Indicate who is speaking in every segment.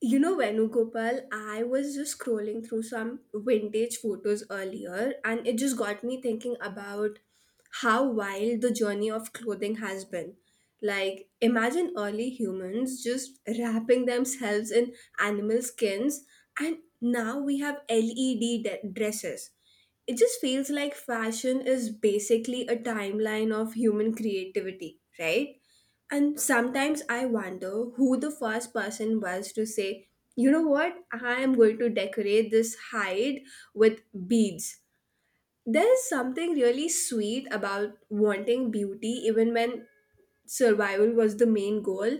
Speaker 1: You know, Venugopal, I was just scrolling through some vintage photos earlier, and it just got me thinking about how wild the journey of clothing has been. Like, imagine early humans just wrapping themselves in animal skins, and now we have LED dresses. It just feels like fashion is basically a timeline of human creativity, right? And sometimes I wonder who the first person was to say, you know what, I am going to decorate this hide with beads. There is something really sweet about wanting beauty even when survival was the main goal.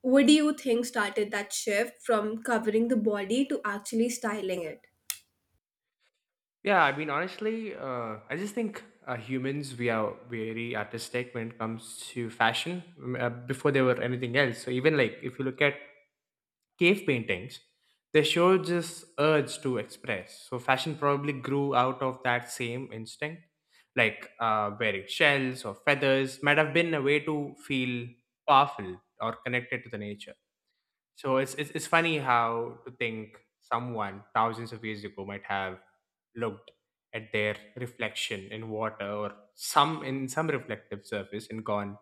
Speaker 1: What do you think started that shift from covering the body to actually styling it?
Speaker 2: Yeah, I mean, honestly, I just think humans we are very artistic when it comes to fashion. Before they were anything else. So even like if you look at cave paintings, they show this urge to express. So fashion probably grew out of that same instinct. Like wearing shells or feathers might have been a way to feel powerful or connected to the nature. So it's funny how to think someone thousands of years ago might have looked at their reflection in water or some in some reflective surface and gone,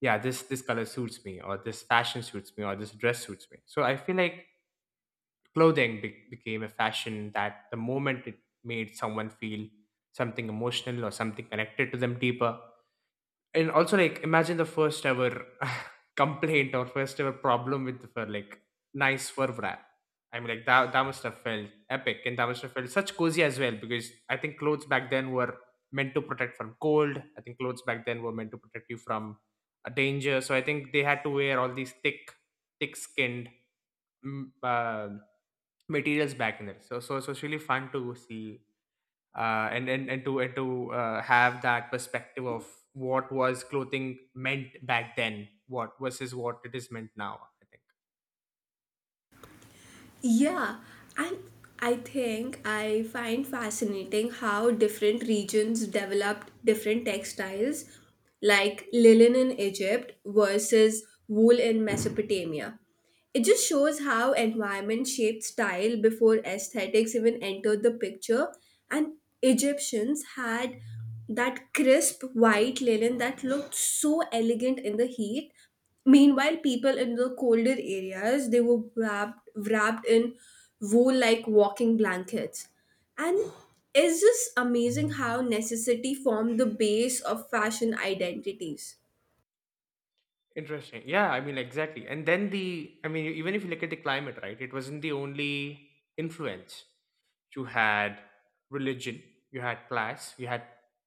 Speaker 2: yeah, this color suits me, or this fashion suits me, or this dress suits me. So I feel like clothing became a fashion that the moment it made someone feel something emotional or something connected to them deeper. And also like imagine the first ever complaint or first ever problem with the fur, like nice fur wrap. I mean, like that must have felt epic, and that must have felt such cozy as well, because I think clothes back then were meant to protect from cold. I think clothes back then were meant to protect you from a danger. So I think they had to wear all these thick skinned mm, uh, materials back in there. So it's really fun to see, and to have that perspective of what was clothing meant back then, what versus what it is meant now, I think.
Speaker 1: Yeah, and I think I find fascinating how different regions developed different textiles, like linen in Egypt versus wool in Mesopotamia. It just shows how environment shaped style before aesthetics even entered the picture, and Egyptians had that crisp white linen that looked so elegant in the heat. Meanwhile, people in the colder areas they were wrapped in wool like walking blankets. And it's just amazing how necessity formed the base of fashion identities.
Speaker 2: Interesting. Yeah, I mean, exactly. And then the I mean, even if you look at the climate, right? It wasn't the only influence. You had religion, you had class, you had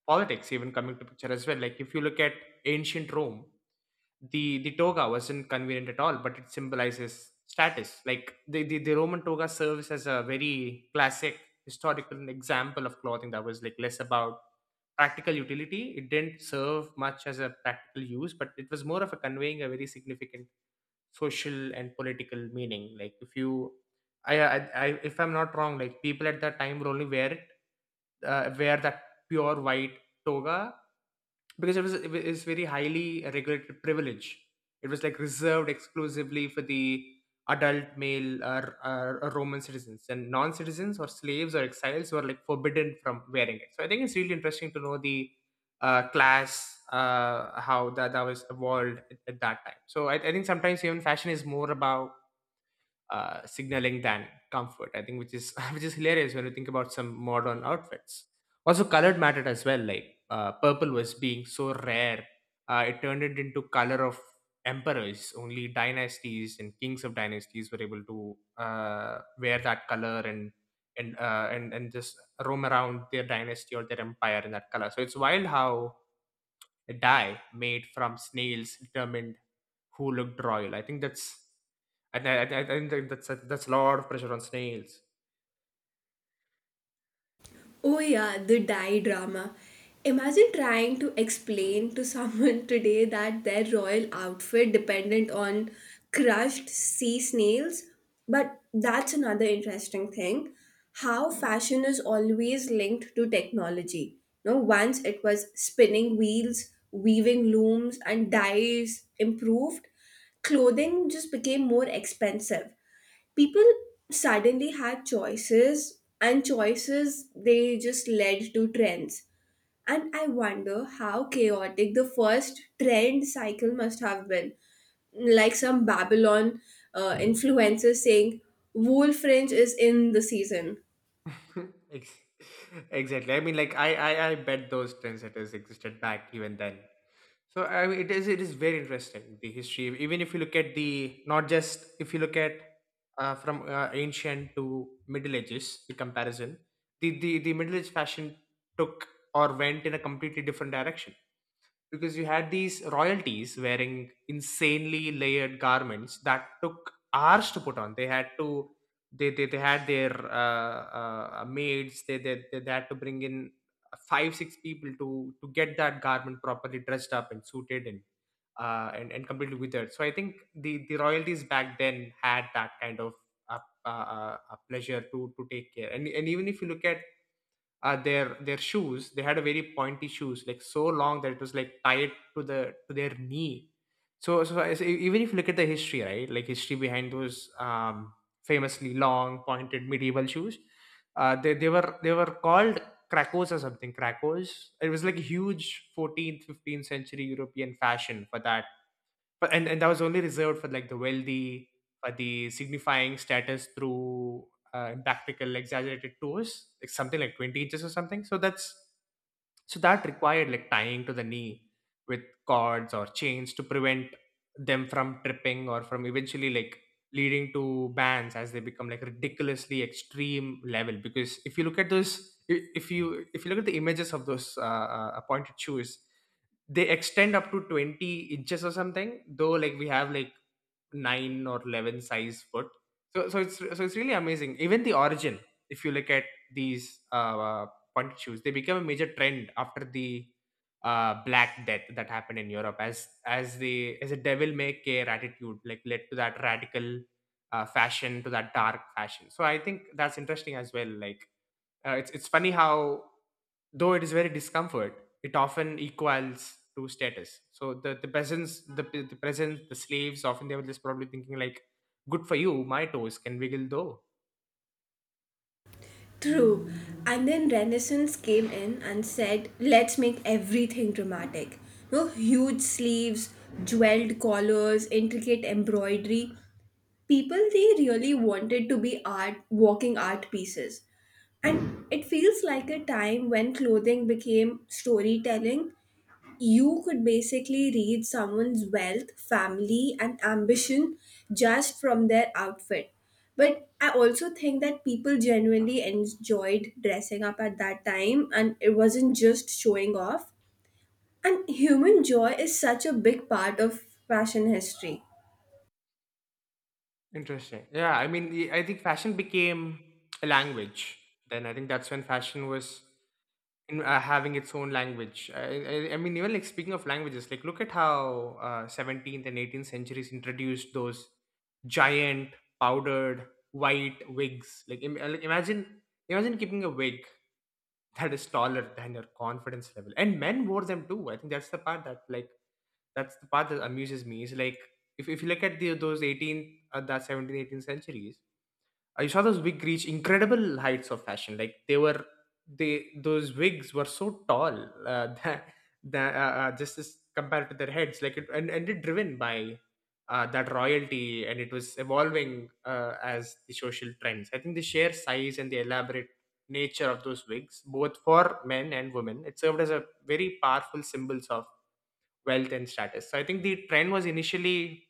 Speaker 2: politics even coming to picture as well. Like if you look at ancient Rome, the toga wasn't convenient at all, but it symbolizes status. Like the Roman toga serves as a very classic historical example of clothing that was like less about practical utility. It didn't serve much as a practical use, but it was more of a conveying a very significant social and political meaning. Like if I, I if I'm not wrong, like people at that time would only wear that pure white toga, because it is very highly regulated privilege. It was like reserved exclusively for the adult male or Roman citizens, and non-citizens or slaves or exiles were like forbidden from wearing it. So I think it's really interesting to know the class, how that was evolved at that time. So I think sometimes even fashion is more about signaling than comfort, I think, which is which is hilarious when you think about some modern outfits. Also, colored mattered as well. Like purple was being so rare, it turned it into color of emperors. Only dynasties and kings of dynasties were able to wear that color, and just roam around their dynasty or their empire in that color. So it's wild how dye made from snails determined who looked royal. I think that's, that's a lot of pressure on snails.
Speaker 1: Oh, yeah, the dye drama. Imagine trying to explain to someone today that their royal outfit dependent on crushed sea snails. But that's another interesting thing how fashion is always linked to technology. No, once it was spinning wheels, weaving looms, and dyes improved, clothing just became more expensive. People suddenly had choices, and choices they just led to trends. And I wonder how chaotic the first trend cycle must have been, like some Babylon influencers saying wool fringe is in the season.
Speaker 2: Ex- exactly. I mean, like I bet those trendsetters existed back even then. So I mean, it is very interesting, the history. Even if you look at the not just if you look at from ancient to Middle Ages, the comparison, the Middle Age fashion took or went in a completely different direction, because you had these royalties wearing insanely layered garments that took hours to put on. They had their maids. They had to bring in five six people to get that garment properly dressed up and suited and completely withered. So I think the royalties back then had that kind of a, a pleasure to take care. And even if you look at their shoes, they had a very pointy shoes, like so long that it was like tied to their knee. So even if you look at the history, right? Like history behind those famously long pointed medieval shoes, they were called krakos or something. Krakos, it was like a huge 14th 15th century European fashion for that. But and that was only reserved for like the wealthy, for the signifying status through impractical exaggerated tours, like something like 20 inches or something. So that's so that required like tying to the knee with cords or chains to prevent them from tripping or from eventually like leading to bans, as they become like ridiculously extreme level. Because if you look at if you look at the images of those pointed shoes, they extend up to 20 inches or something, though like we have like 9 or 11 size foot. So so it's so it's really amazing. Even the origin, if you look at these pointed shoes, they became a major trend after the Black Death that happened in Europe, as the as a devil may care attitude like led to that radical fashion, to that dark fashion. So I think that's interesting as well. Like it's funny how, though it is very discomfort, it often equals to status. So the peasants, the peasants, the slaves, often they were just probably thinking like, "Good for you, my toes can wiggle though."
Speaker 1: True. And then Renaissance came in and said, let's make everything dramatic. No, huge sleeves, jeweled collars, intricate embroidery. People they really wanted to be art, walking art pieces, and it feels like a time when clothing became storytelling. You could basically read someone's wealth, family, and ambition just from their outfit. But I also think that people genuinely enjoyed dressing up at that time, and it wasn't just showing off. And human joy is such a big part of fashion history.
Speaker 2: Interesting. Yeah, I mean, I think fashion became a language. Then I think that's when fashion was having its own language. I mean, even like speaking of languages, like look at how 17th and 18th centuries introduced those giant powdered white wigs. Like, imagine keeping a wig that is taller than your confidence level, and men wore them too. I think that's the part that amuses me. Is like if you look at the those 18th uh, that 17th 18th centuries, I saw those wig reach incredible heights of fashion. Like they those wigs were so tall, that just as compared to their heads. Like it and it driven by that royalty, and it was evolving as the social trends. I think the sheer size and the elaborate nature of those wigs, both for men and women, it served as a very powerful symbols of wealth and status. So I think the trend was initially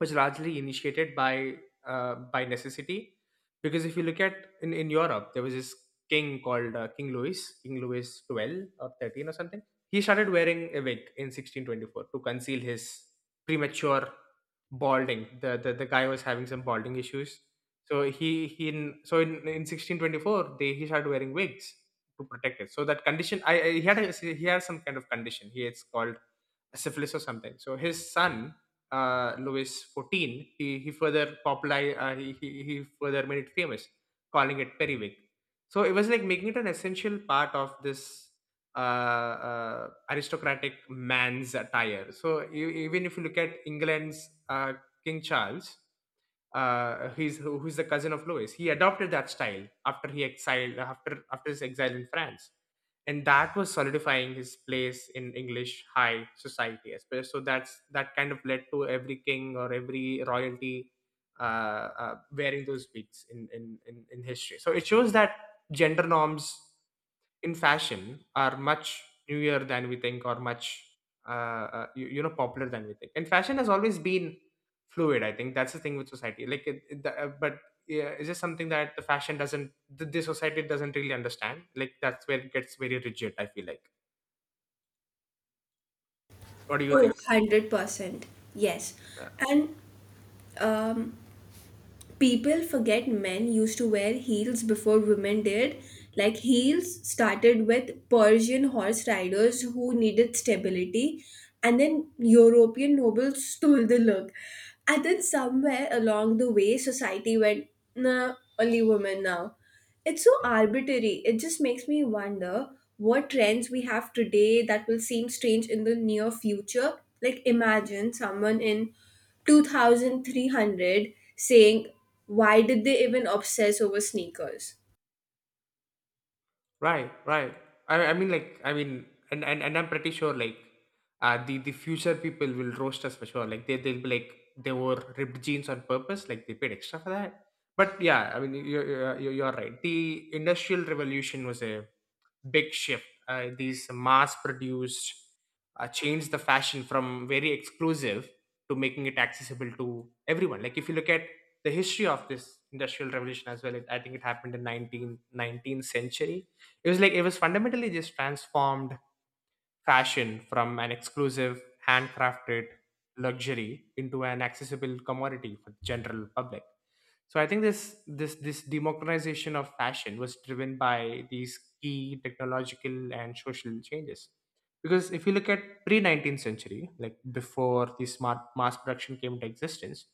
Speaker 2: was largely initiated by necessity, because if you look at, in Europe there was this king called King Louis 12 or 13 or something. He started wearing a wig in 1624 to conceal his premature balding. The guy was having some balding issues, so he in, so in 1624 they he started wearing wigs to protect it. So that condition, I he had he had some kind of condition. He It's called syphilis or something. So his son, Louis XIV, he further he further made it famous, calling it periwig. So it was like making it an essential part of this aristocratic man's attire. So even if you look at England's King Charles, who's the cousin of Louis. He adopted that style after his exile in France, and that was solidifying his place in English high society. So that's that kind of led to every king or every royalty wearing those wigs in history. So it shows that gender norms in fashion are much newer than we think, or much uh, popular than we think, and fashion has always been fluid. I think that's the thing with society. Like but yeah, it's just something that the society doesn't really understand. Like that's where it gets very rigid, I feel like. What do you
Speaker 1: Oh,
Speaker 2: think?
Speaker 1: 100%. Yes.
Speaker 2: Uh,
Speaker 1: And people forget men used to wear heels before women did. Like, heels started with Persian horse riders who needed stability, and then European nobles stole the look. And then somewhere along the way, society went, nah, only women now. It's so arbitrary. It just makes me wonder what trends we have today that will seem strange in the near future. Like, imagine someone in 2300 saying, why did they even obsess over sneakers?
Speaker 2: Right, right. I mean, like, and I'm pretty sure, like, the future people will roast us for sure. Like, they'll be like, they wore ripped jeans on purpose, like they paid extra for that. But yeah, I mean, you're right. The Industrial Revolution was a big shift. These mass produced changed the fashion from very exclusive to making it accessible to everyone. Like if you look at the history of this industrial revolution as well, I think it happened in 19th century. It was like it was fundamentally just transformed fashion from an exclusive handcrafted luxury into an accessible commodity for the general public. So I think this democratization of fashion was driven by these key technological and social changes, because if you look at pre 19th century, like, before the smart mass production came into existence,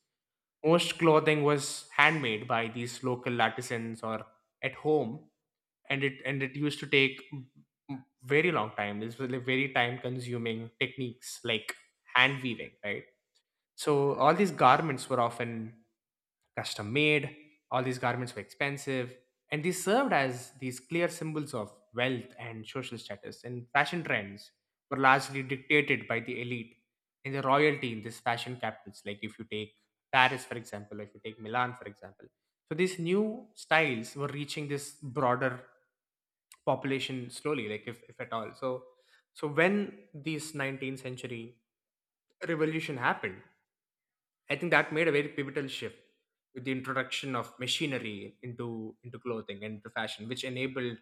Speaker 2: most clothing was handmade by these local artisans or at home, and it used to take very long time. This was like very time consuming techniques like hand weaving, right? So all these garments were often custom made, all these garments were expensive, and these served as these clear symbols of wealth and social status. And fashion trends were largely dictated by the elite and the royalty in these fashion capitals. Like if you take Paris, for example, if you take Milan, for example. So these new styles were reaching this broader population slowly, like, if at all. So when this 19th century revolution happened, I think that made a very pivotal shift with the introduction of machinery into clothing and into fashion, which enabled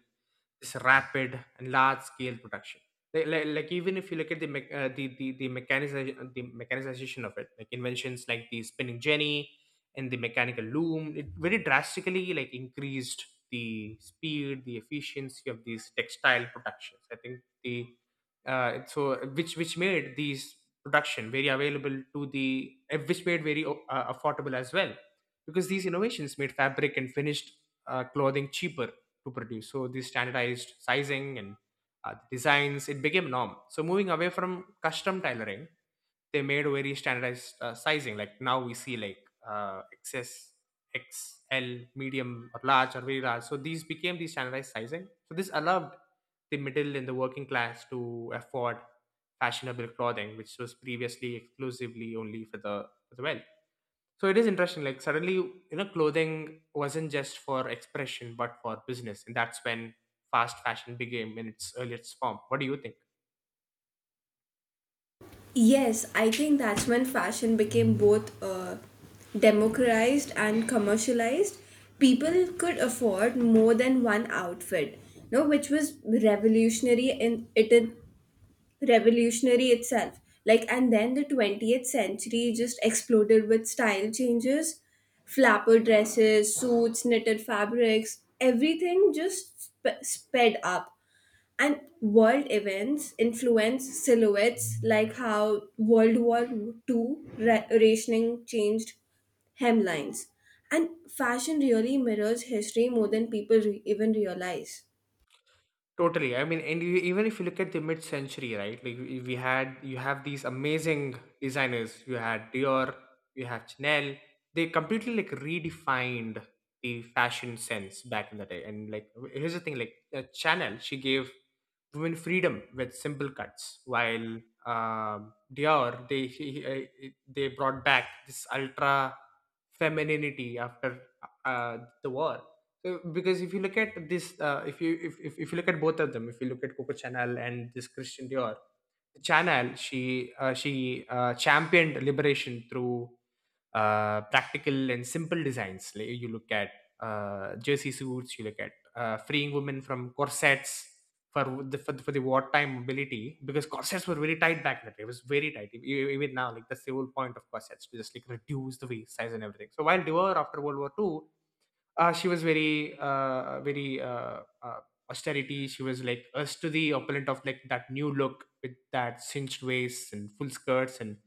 Speaker 2: this rapid and large scale production. Like even if you look at the mechanization of it, like inventions like the spinning jenny and the mechanical loom, it very drastically like increased the speed, the efficiency of these textile productions. I think the, so which made these production very available to the, which made very affordable as well, because these innovations made fabric and finished clothing cheaper to produce. So the standardized sizing and designs, it became norm, so moving away from custom tailoring, they made very standardized sizing. Like, now we see like xs, xl, medium or large or very large, so these became the standardized sizing, so this allowed the middle and the working class to afford fashionable clothing which was previously exclusively only for the wealth. So it is interesting, like, suddenly, you know, clothing wasn't just for expression but for business, and that's when fast fashion became in its earliest form. What do you think?
Speaker 1: Yes, I think that's when fashion became both democratized and commercialized. People could afford more than one outfit, no, which was revolutionary in it, revolutionary itself. Like, and then the 20th century just exploded with style changes. Flapper dresses, suits, knitted fabrics, everything just sped up, and world events influenced silhouettes, like how World War Two rationing changed hemlines. And fashion really mirrors history more than people even realize.
Speaker 2: Totally. I mean, and you, even if you look at the mid-century, right? Like, you have these amazing designers. You had Dior, you have Chanel. They completely like redefined the fashion sense back in the day. And like, here's the thing. Like, Chanel, she gave women freedom with simple cuts, while Dior, they he- it- they brought back this ultra femininity after the war. So, because if you look at this, if you look at both of them, if you look at Coco Chanel and this Christian Dior, Chanel, she championed liberation through practical and simple designs. Like, you look at jersey suits, you look at freeing women from corsets for the wartime mobility, because corsets were very tight back then. It was very tight. Even now, like, that's the whole point of corsets, to just like reduce the waist size and everything. So while Dior after World War Two, she was very very austerity, she was like us to the opponent of like that new look with that cinched waist and full skirts and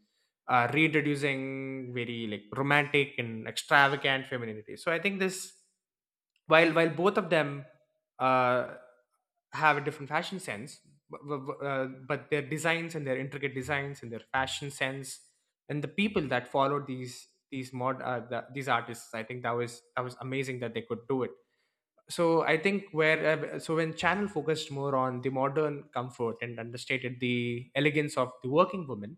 Speaker 2: reintroducing very like romantic and extravagant femininity. So I think this, while both of them, uh, have a different fashion sense, but their designs and their intricate designs and their fashion sense and the people that followed these artists, I think that was amazing that they could do it. So I think where so when channel focused more on the modern comfort and understated the elegance of the working woman,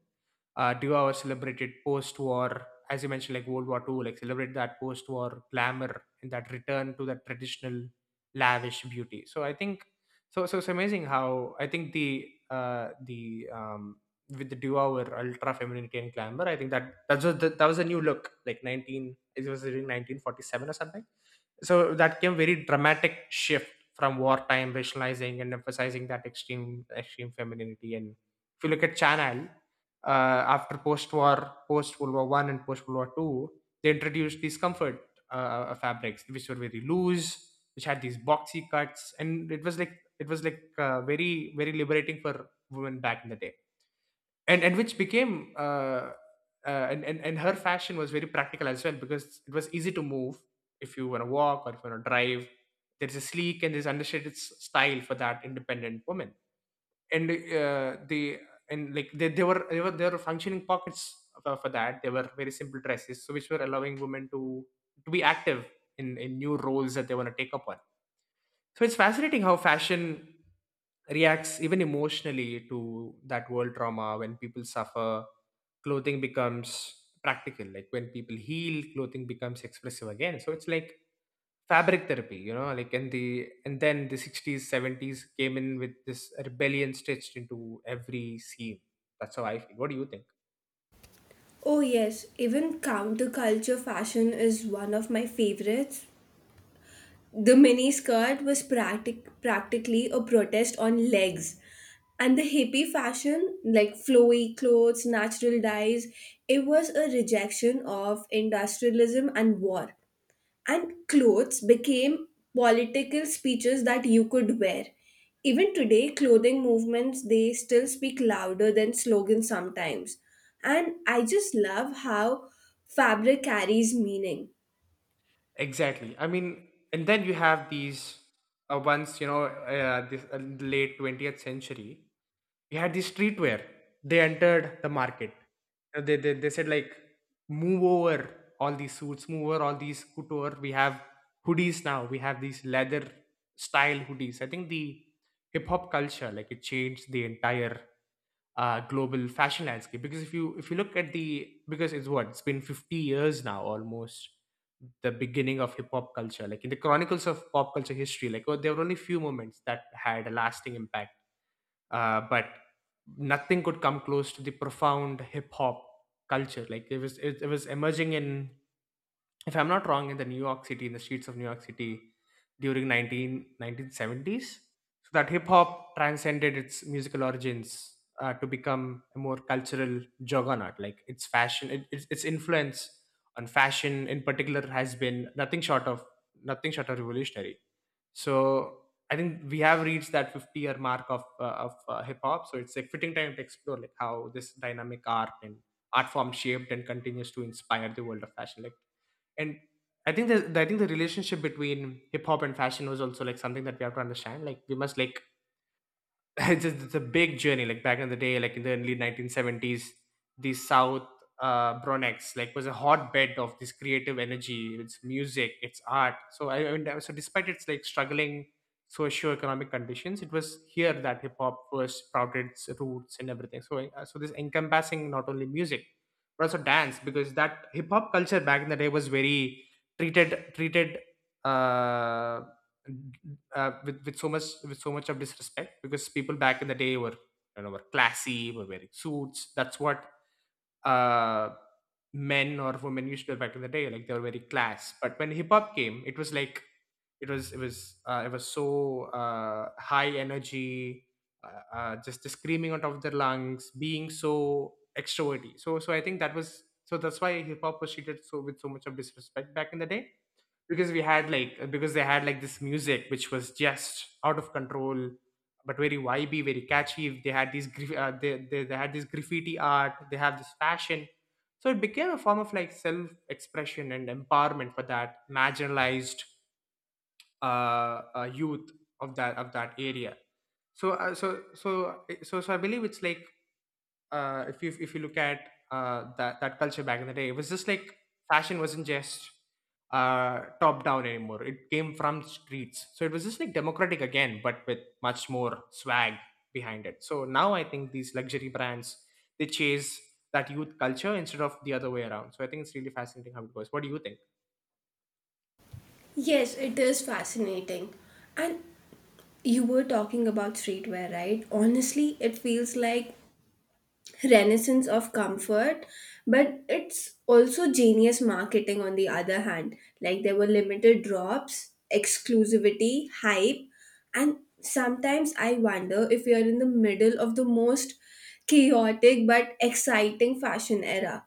Speaker 2: do our celebrated post-war, as you mentioned, like World War II, like celebrate that post-war glamour and that return to that traditional lavish beauty. So I think so. So it's amazing how I think the with the do-over ultra femininity and glamour, I think that was a new look. Like 19, it was during 1947 or something. So that came very dramatic shift from wartime rationalizing and emphasizing that extreme femininity, and if you look at Chanel, after post-war, post-World War One, and post-World War Two, they introduced these comfort fabrics, which were very loose, which had these boxy cuts, and it was like very, very liberating for women back in the day, and which became. And her fashion was very practical as well, because it was easy to move. If you want to walk or if you want to drive, there's a sleek and there's understated style for that independent woman, and they were functioning pockets for that. They were very simple dresses, so which were allowing women to be active in new roles that they want to take up on. So it's fascinating how fashion reacts even emotionally to that world trauma. When people suffer, clothing becomes practical. Like, when people heal, clothing becomes expressive again. So it's like fabric therapy, you know, like, and then the 60s, 70s came in with this rebellion stitched into every scene. That's how I feel. What do you think?
Speaker 1: Oh, yes, even counterculture fashion is one of my favorites. The mini skirt was practically a protest on legs. And the hippie fashion, like flowy clothes, natural dyes, it was a rejection of industrialism and war, and clothes became political speeches that you could wear. Even today, clothing movements they still speak louder than slogans sometimes. And I just love how fabric carries meaning.
Speaker 2: Exactly. I mean, and then you have these, once, you know, this late 20th century, you had these streetwear. They entered the market. They said, like, move over all these suits, move over all these couture. We have hoodies now. We have these leather style hoodies. I think the hip hop culture, like, it changed the entire global fashion landscape, because if you look at the, because it's what, it's been 50 years now almost, the beginning of hip hop culture, like, in the chronicles of pop culture history, like, oh, there were only few moments that had a lasting impact. But nothing could come close to the profound hip hop culture. Like it was, it was emerging in, if I'm not wrong, in the New York City, in the streets of New York City during nineteen nineteen seventies. So that hip hop transcended its musical origins, to become a more cultural juggernaut. Like its fashion, its influence on fashion in particular has been nothing short of revolutionary. So I think we have reached that 50-year mark of hip hop. So it's a fitting time to explore like how this dynamic art form shaped and continues to inspire the world of fashion. Like, and I think the relationship between hip hop and fashion was also like something that we have to understand. Like we must, like, it's, it's a big journey. Like back in the day, like in the early 1970s, the South Bronx, like, was a hotbed of this creative energy. It's music, it's art. So I mean, so despite its like struggling socio-economic conditions, it was here that hip hop first sprouted its roots and everything. So, this encompassing not only music but also dance, because that hip hop culture back in the day was very treated uh with so much of disrespect, because people back in the day were, you know, were classy, were wearing suits. That's what uh, men or women used to do back in the day. Like, they were very class. But when hip hop came, it was like it was so high energy, just the screaming out of their lungs, being so extroverted. So I think that was, that's why hip hop was treated so with so much of disrespect back in the day, because we had like because they had like this music which was just out of control, but very vibey, very catchy. They had these graf- they had this graffiti art, they have this fashion. So it became a form of like self expression and empowerment for that marginalized, uh, youth of that area. So I believe it's like, if you look at, that culture back in the day, it was just like fashion wasn't just, top down anymore. It came from streets, so it was just like democratic again, but with much more swag behind it. So now I think these luxury brands, they chase that youth culture instead of the other way around. So I think it's really fascinating how it goes. What do you think?
Speaker 1: Yes, it is fascinating. And you were talking about streetwear, right? Honestly, it feels like renaissance of comfort, but it's also genius marketing on the other hand. Like, there were limited drops, exclusivity, hype, and sometimes I wonder if we are in the middle of the most chaotic but exciting fashion era.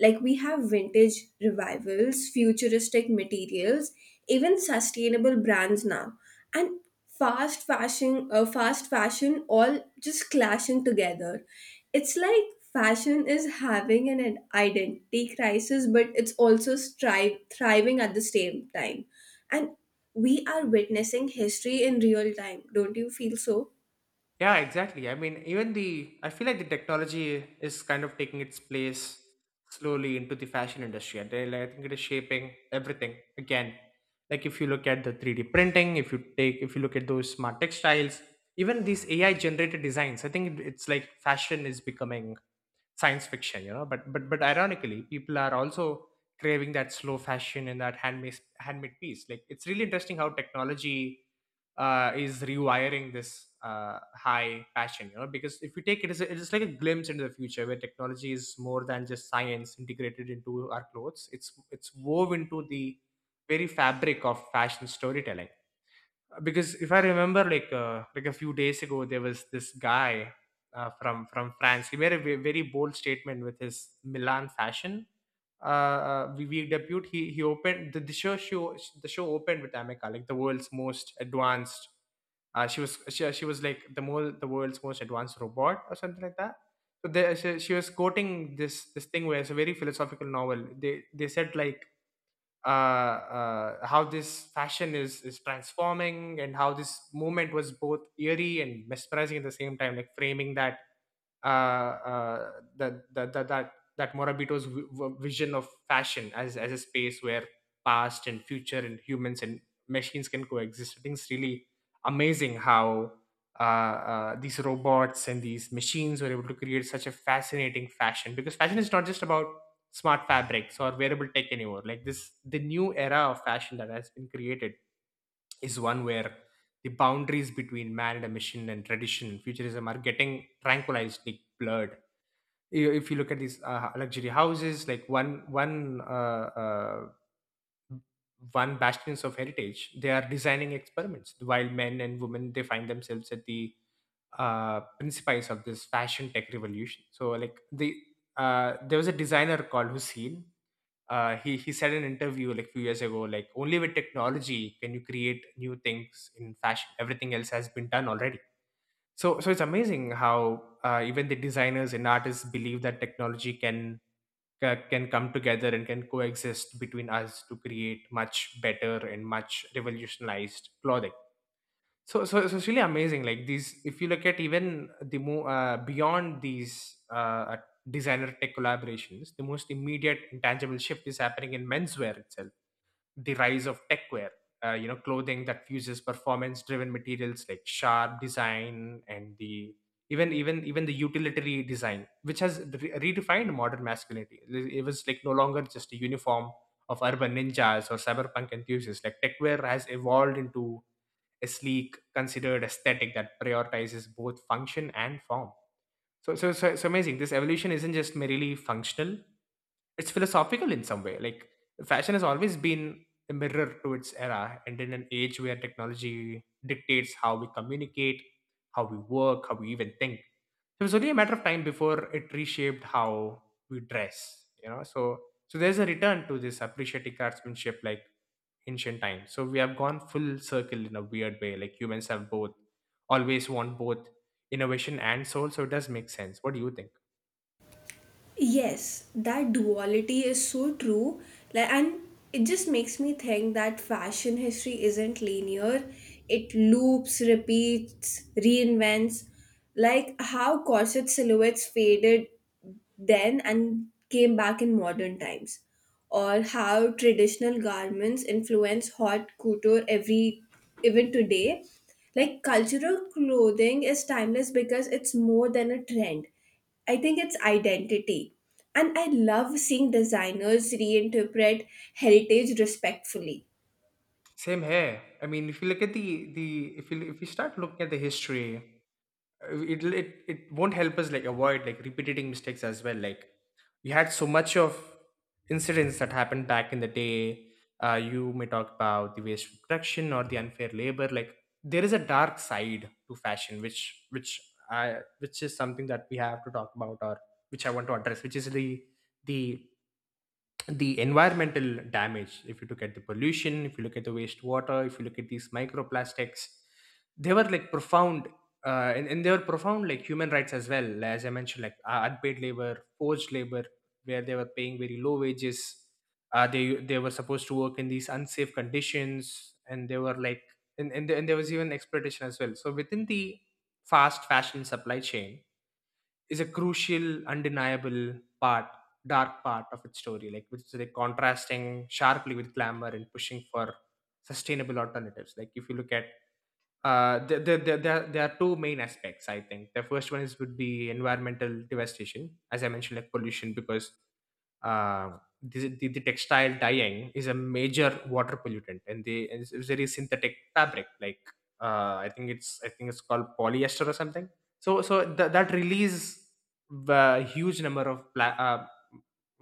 Speaker 1: Like, we have vintage revivals, futuristic materials, even sustainable brands now, and fast fashion, fast fashion, all just clashing together. It's like fashion is having an identity crisis, but it's also thriving at the same time, and we are witnessing history in real time. Don't you feel so?
Speaker 2: Yeah, exactly. I mean, even the I feel like the technology is kind of taking its place slowly into the fashion industry, and like, I think it is shaping everything again. Like if you look at the 3D printing, if you look at those smart textiles, even these AI generated designs, I think it's like fashion is becoming science fiction, you know, but ironically people are also craving that slow fashion and that handmade piece. Like it's really interesting how technology is rewiring this high passion, you know, because if you take it as a, it's like a glimpse into the future where technology is more than just science integrated into our clothes. It's woven into the very fabric of fashion storytelling. Because if I remember, like a few days ago, there was this guy from France. He made a very bold statement with his Milan fashion. We debut. He opened the show. Opened with Amica, like the world's most advanced. She was like the world's most advanced robot or something like that. So there, she was quoting this thing where it's a very philosophical novel. They said like how this fashion is transforming and how this movement was both eerie and mesmerizing at the same time, like framing that uh, uh, that, that that that that Morabito's vision of fashion as a space where past and future and humans and machines can coexist. I think it's really amazing how these robots and these machines were able to create such a fascinating fashion, because fashion is not just about smart fabrics or wearable tech anymore. Like this the new era of fashion that has been created is one where the boundaries between man and a machine and tradition and futurism are getting tranquilized, like blurred. If you look at these luxury houses, like one bastions of heritage, they are designing experiments. While men and women they find themselves at the principles of this fashion tech revolution. So like the there was a designer called Hussein. He said in an interview like few years ago, like only with technology can you create new things in fashion. Everything else has been done already. So it's amazing how even the designers and artists believe that technology can can come together and can coexist between us to create much better and much revolutionized clothing. So it's really amazing. Like these, if you look at even the more beyond these designer tech collaborations, the most immediate intangible shift is happening in menswear itself, the rise of techwear. You know, clothing that fuses performance driven materials like sharp design and the even the utilitary design, which has redefined modern masculinity. It was like no longer just a uniform of urban ninjas or cyberpunk enthusiasts. Like techwear has evolved into a sleek, considered aesthetic that prioritizes both function and form. So it's amazing. This evolution isn't just merely functional; it's philosophical in some way. Like fashion has always been a mirror to its era, and in an age where technology dictates how we communicate, how we work, how we even think, it was only a matter of time before it reshaped how we dress. You know, so there's a return to this appreciative craftsmanship, like ancient times. So we have gone full circle in a weird way. Like humans have both, always want both innovation and soul. So it does make sense. What do you think?
Speaker 1: Yes, that duality is so true. Like, and it just makes me think that fashion history isn't linear. It loops, repeats, reinvents. Like how corset silhouettes faded then and came back in modern times, or how traditional garments influence hot couture every even today. Like, cultural clothing is timeless because it's more than a trend. I think it's identity. And I love seeing designers reinterpret heritage respectfully.
Speaker 2: Same here. I mean, if you look at the if you start looking at the history, it won't help us like avoid like repeating mistakes as well. Like we had so much of incidents that happened back in the day. You may talk about the waste production or the unfair labor. Like there is a dark side to fashion which i which is something that we have to talk about, or which I want to address, which is the the environmental damage. If you look at the pollution, if you look at the wastewater, if you look at these microplastics, they were like profound. And they were profound like human rights as well, as I mentioned, like unpaid labor, forced labor, where they were paying very low wages. They were supposed to work in these unsafe conditions, and they were like and there was even exploitation as well. So within the fast fashion supply chain is a crucial, undeniable part, dark part of its story, like which is like contrasting sharply with glamour and pushing for sustainable alternatives. Like if you look at there are two main aspects, I think. The first one is would be environmental devastation, as I mentioned, like pollution, because the textile dyeing is a major water pollutant, and they and it's very synthetic fabric. Like I think it's called polyester or something. So that release a huge number of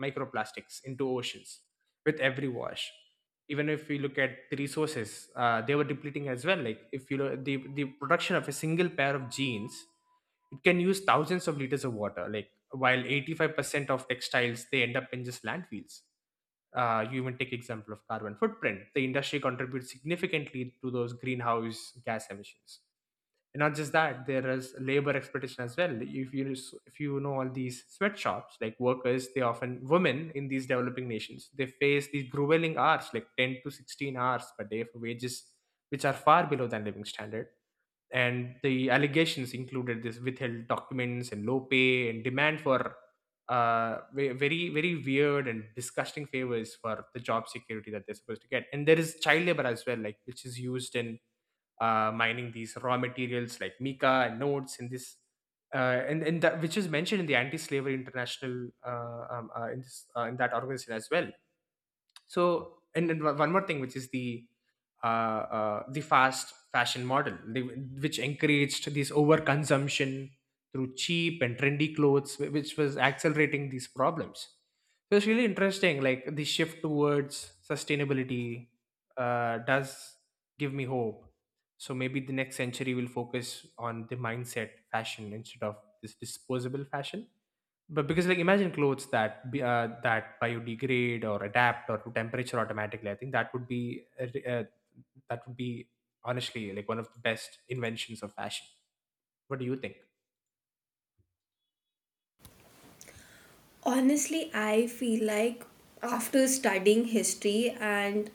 Speaker 2: microplastics into oceans with every wash. Even if we look at the resources, they were depleting as well. Like if you look the production of a single pair of jeans, it can use thousands of liters of water, like while 85% of textiles they end up in just landfills. You even take example of carbon footprint, the industry contributes significantly to those greenhouse gas emissions. And not just that, there is labor exploitation as well. If you if you know all these sweatshops, like workers, they often women in these developing nations, they face these grueling hours, like 10 to 16 hours per day, for wages which are far below than living standard. And the allegations included this withheld documents and low pay and demand for very weird and disgusting favors for the job security that they're supposed to get. And there is child labor as well, like which is used in mining these raw materials like mica and nodes and this uh, and that, which is mentioned in the anti-slavery international in this in that organization as well. So and then one more thing, which is uh, the fast fashion model, the, which encouraged this overconsumption through cheap and trendy clothes, which was accelerating these problems. So it's really interesting, like the shift towards sustainability does give me hope. So maybe the next century will focus on the mindset fashion instead of this disposable fashion. But because like imagine clothes that biodegrade or adapt or to temperature automatically, I think that would be that would be honestly like one of the best inventions of fashion. What do you think?
Speaker 1: Honestly, I feel like after studying history and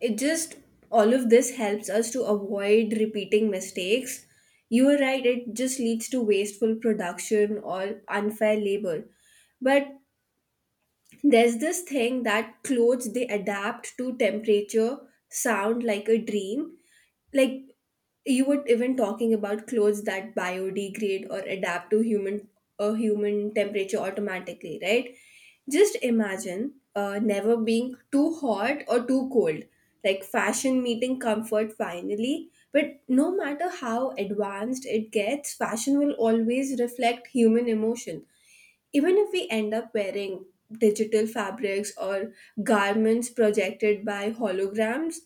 Speaker 1: it just all of this helps us to avoid repeating mistakes. You are right, it just leads to wasteful production or unfair labor. But there's this thing that clothes they adapt to temperature sound like a dream. Like, you were even talking about clothes that biodegrade or adapt to human human temperature automatically, right? Just imagine never being too hot or too cold, like fashion meeting comfort finally. But no matter how advanced it gets, fashion will always reflect human emotion. Even if we end up wearing digital fabrics or garments projected by holograms,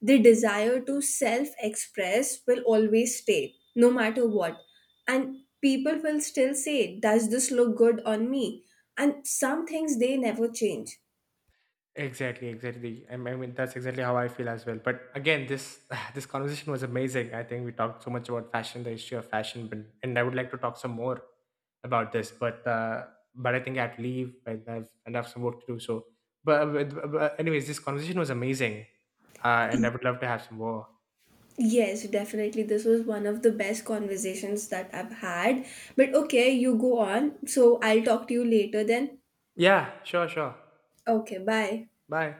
Speaker 1: the desire to self express will always stay, no matter what. And people will still say, does this look good on me? And some things they never change.
Speaker 2: Exactly, exactly. I mean, that's exactly how I feel as well. But again, this this conversation was amazing. I think we talked so much about fashion, the history of fashion, but, and I would like to talk some more about this. But I think I'd leave, and I've some work to do. So, but, but anyways, this conversation was amazing, and I would love to have some more.
Speaker 1: Yes, definitely. This was one of the best conversations that I've had. But okay, you go on. So I'll talk to you later then.
Speaker 2: Yeah, sure.
Speaker 1: Okay, bye.
Speaker 2: Bye.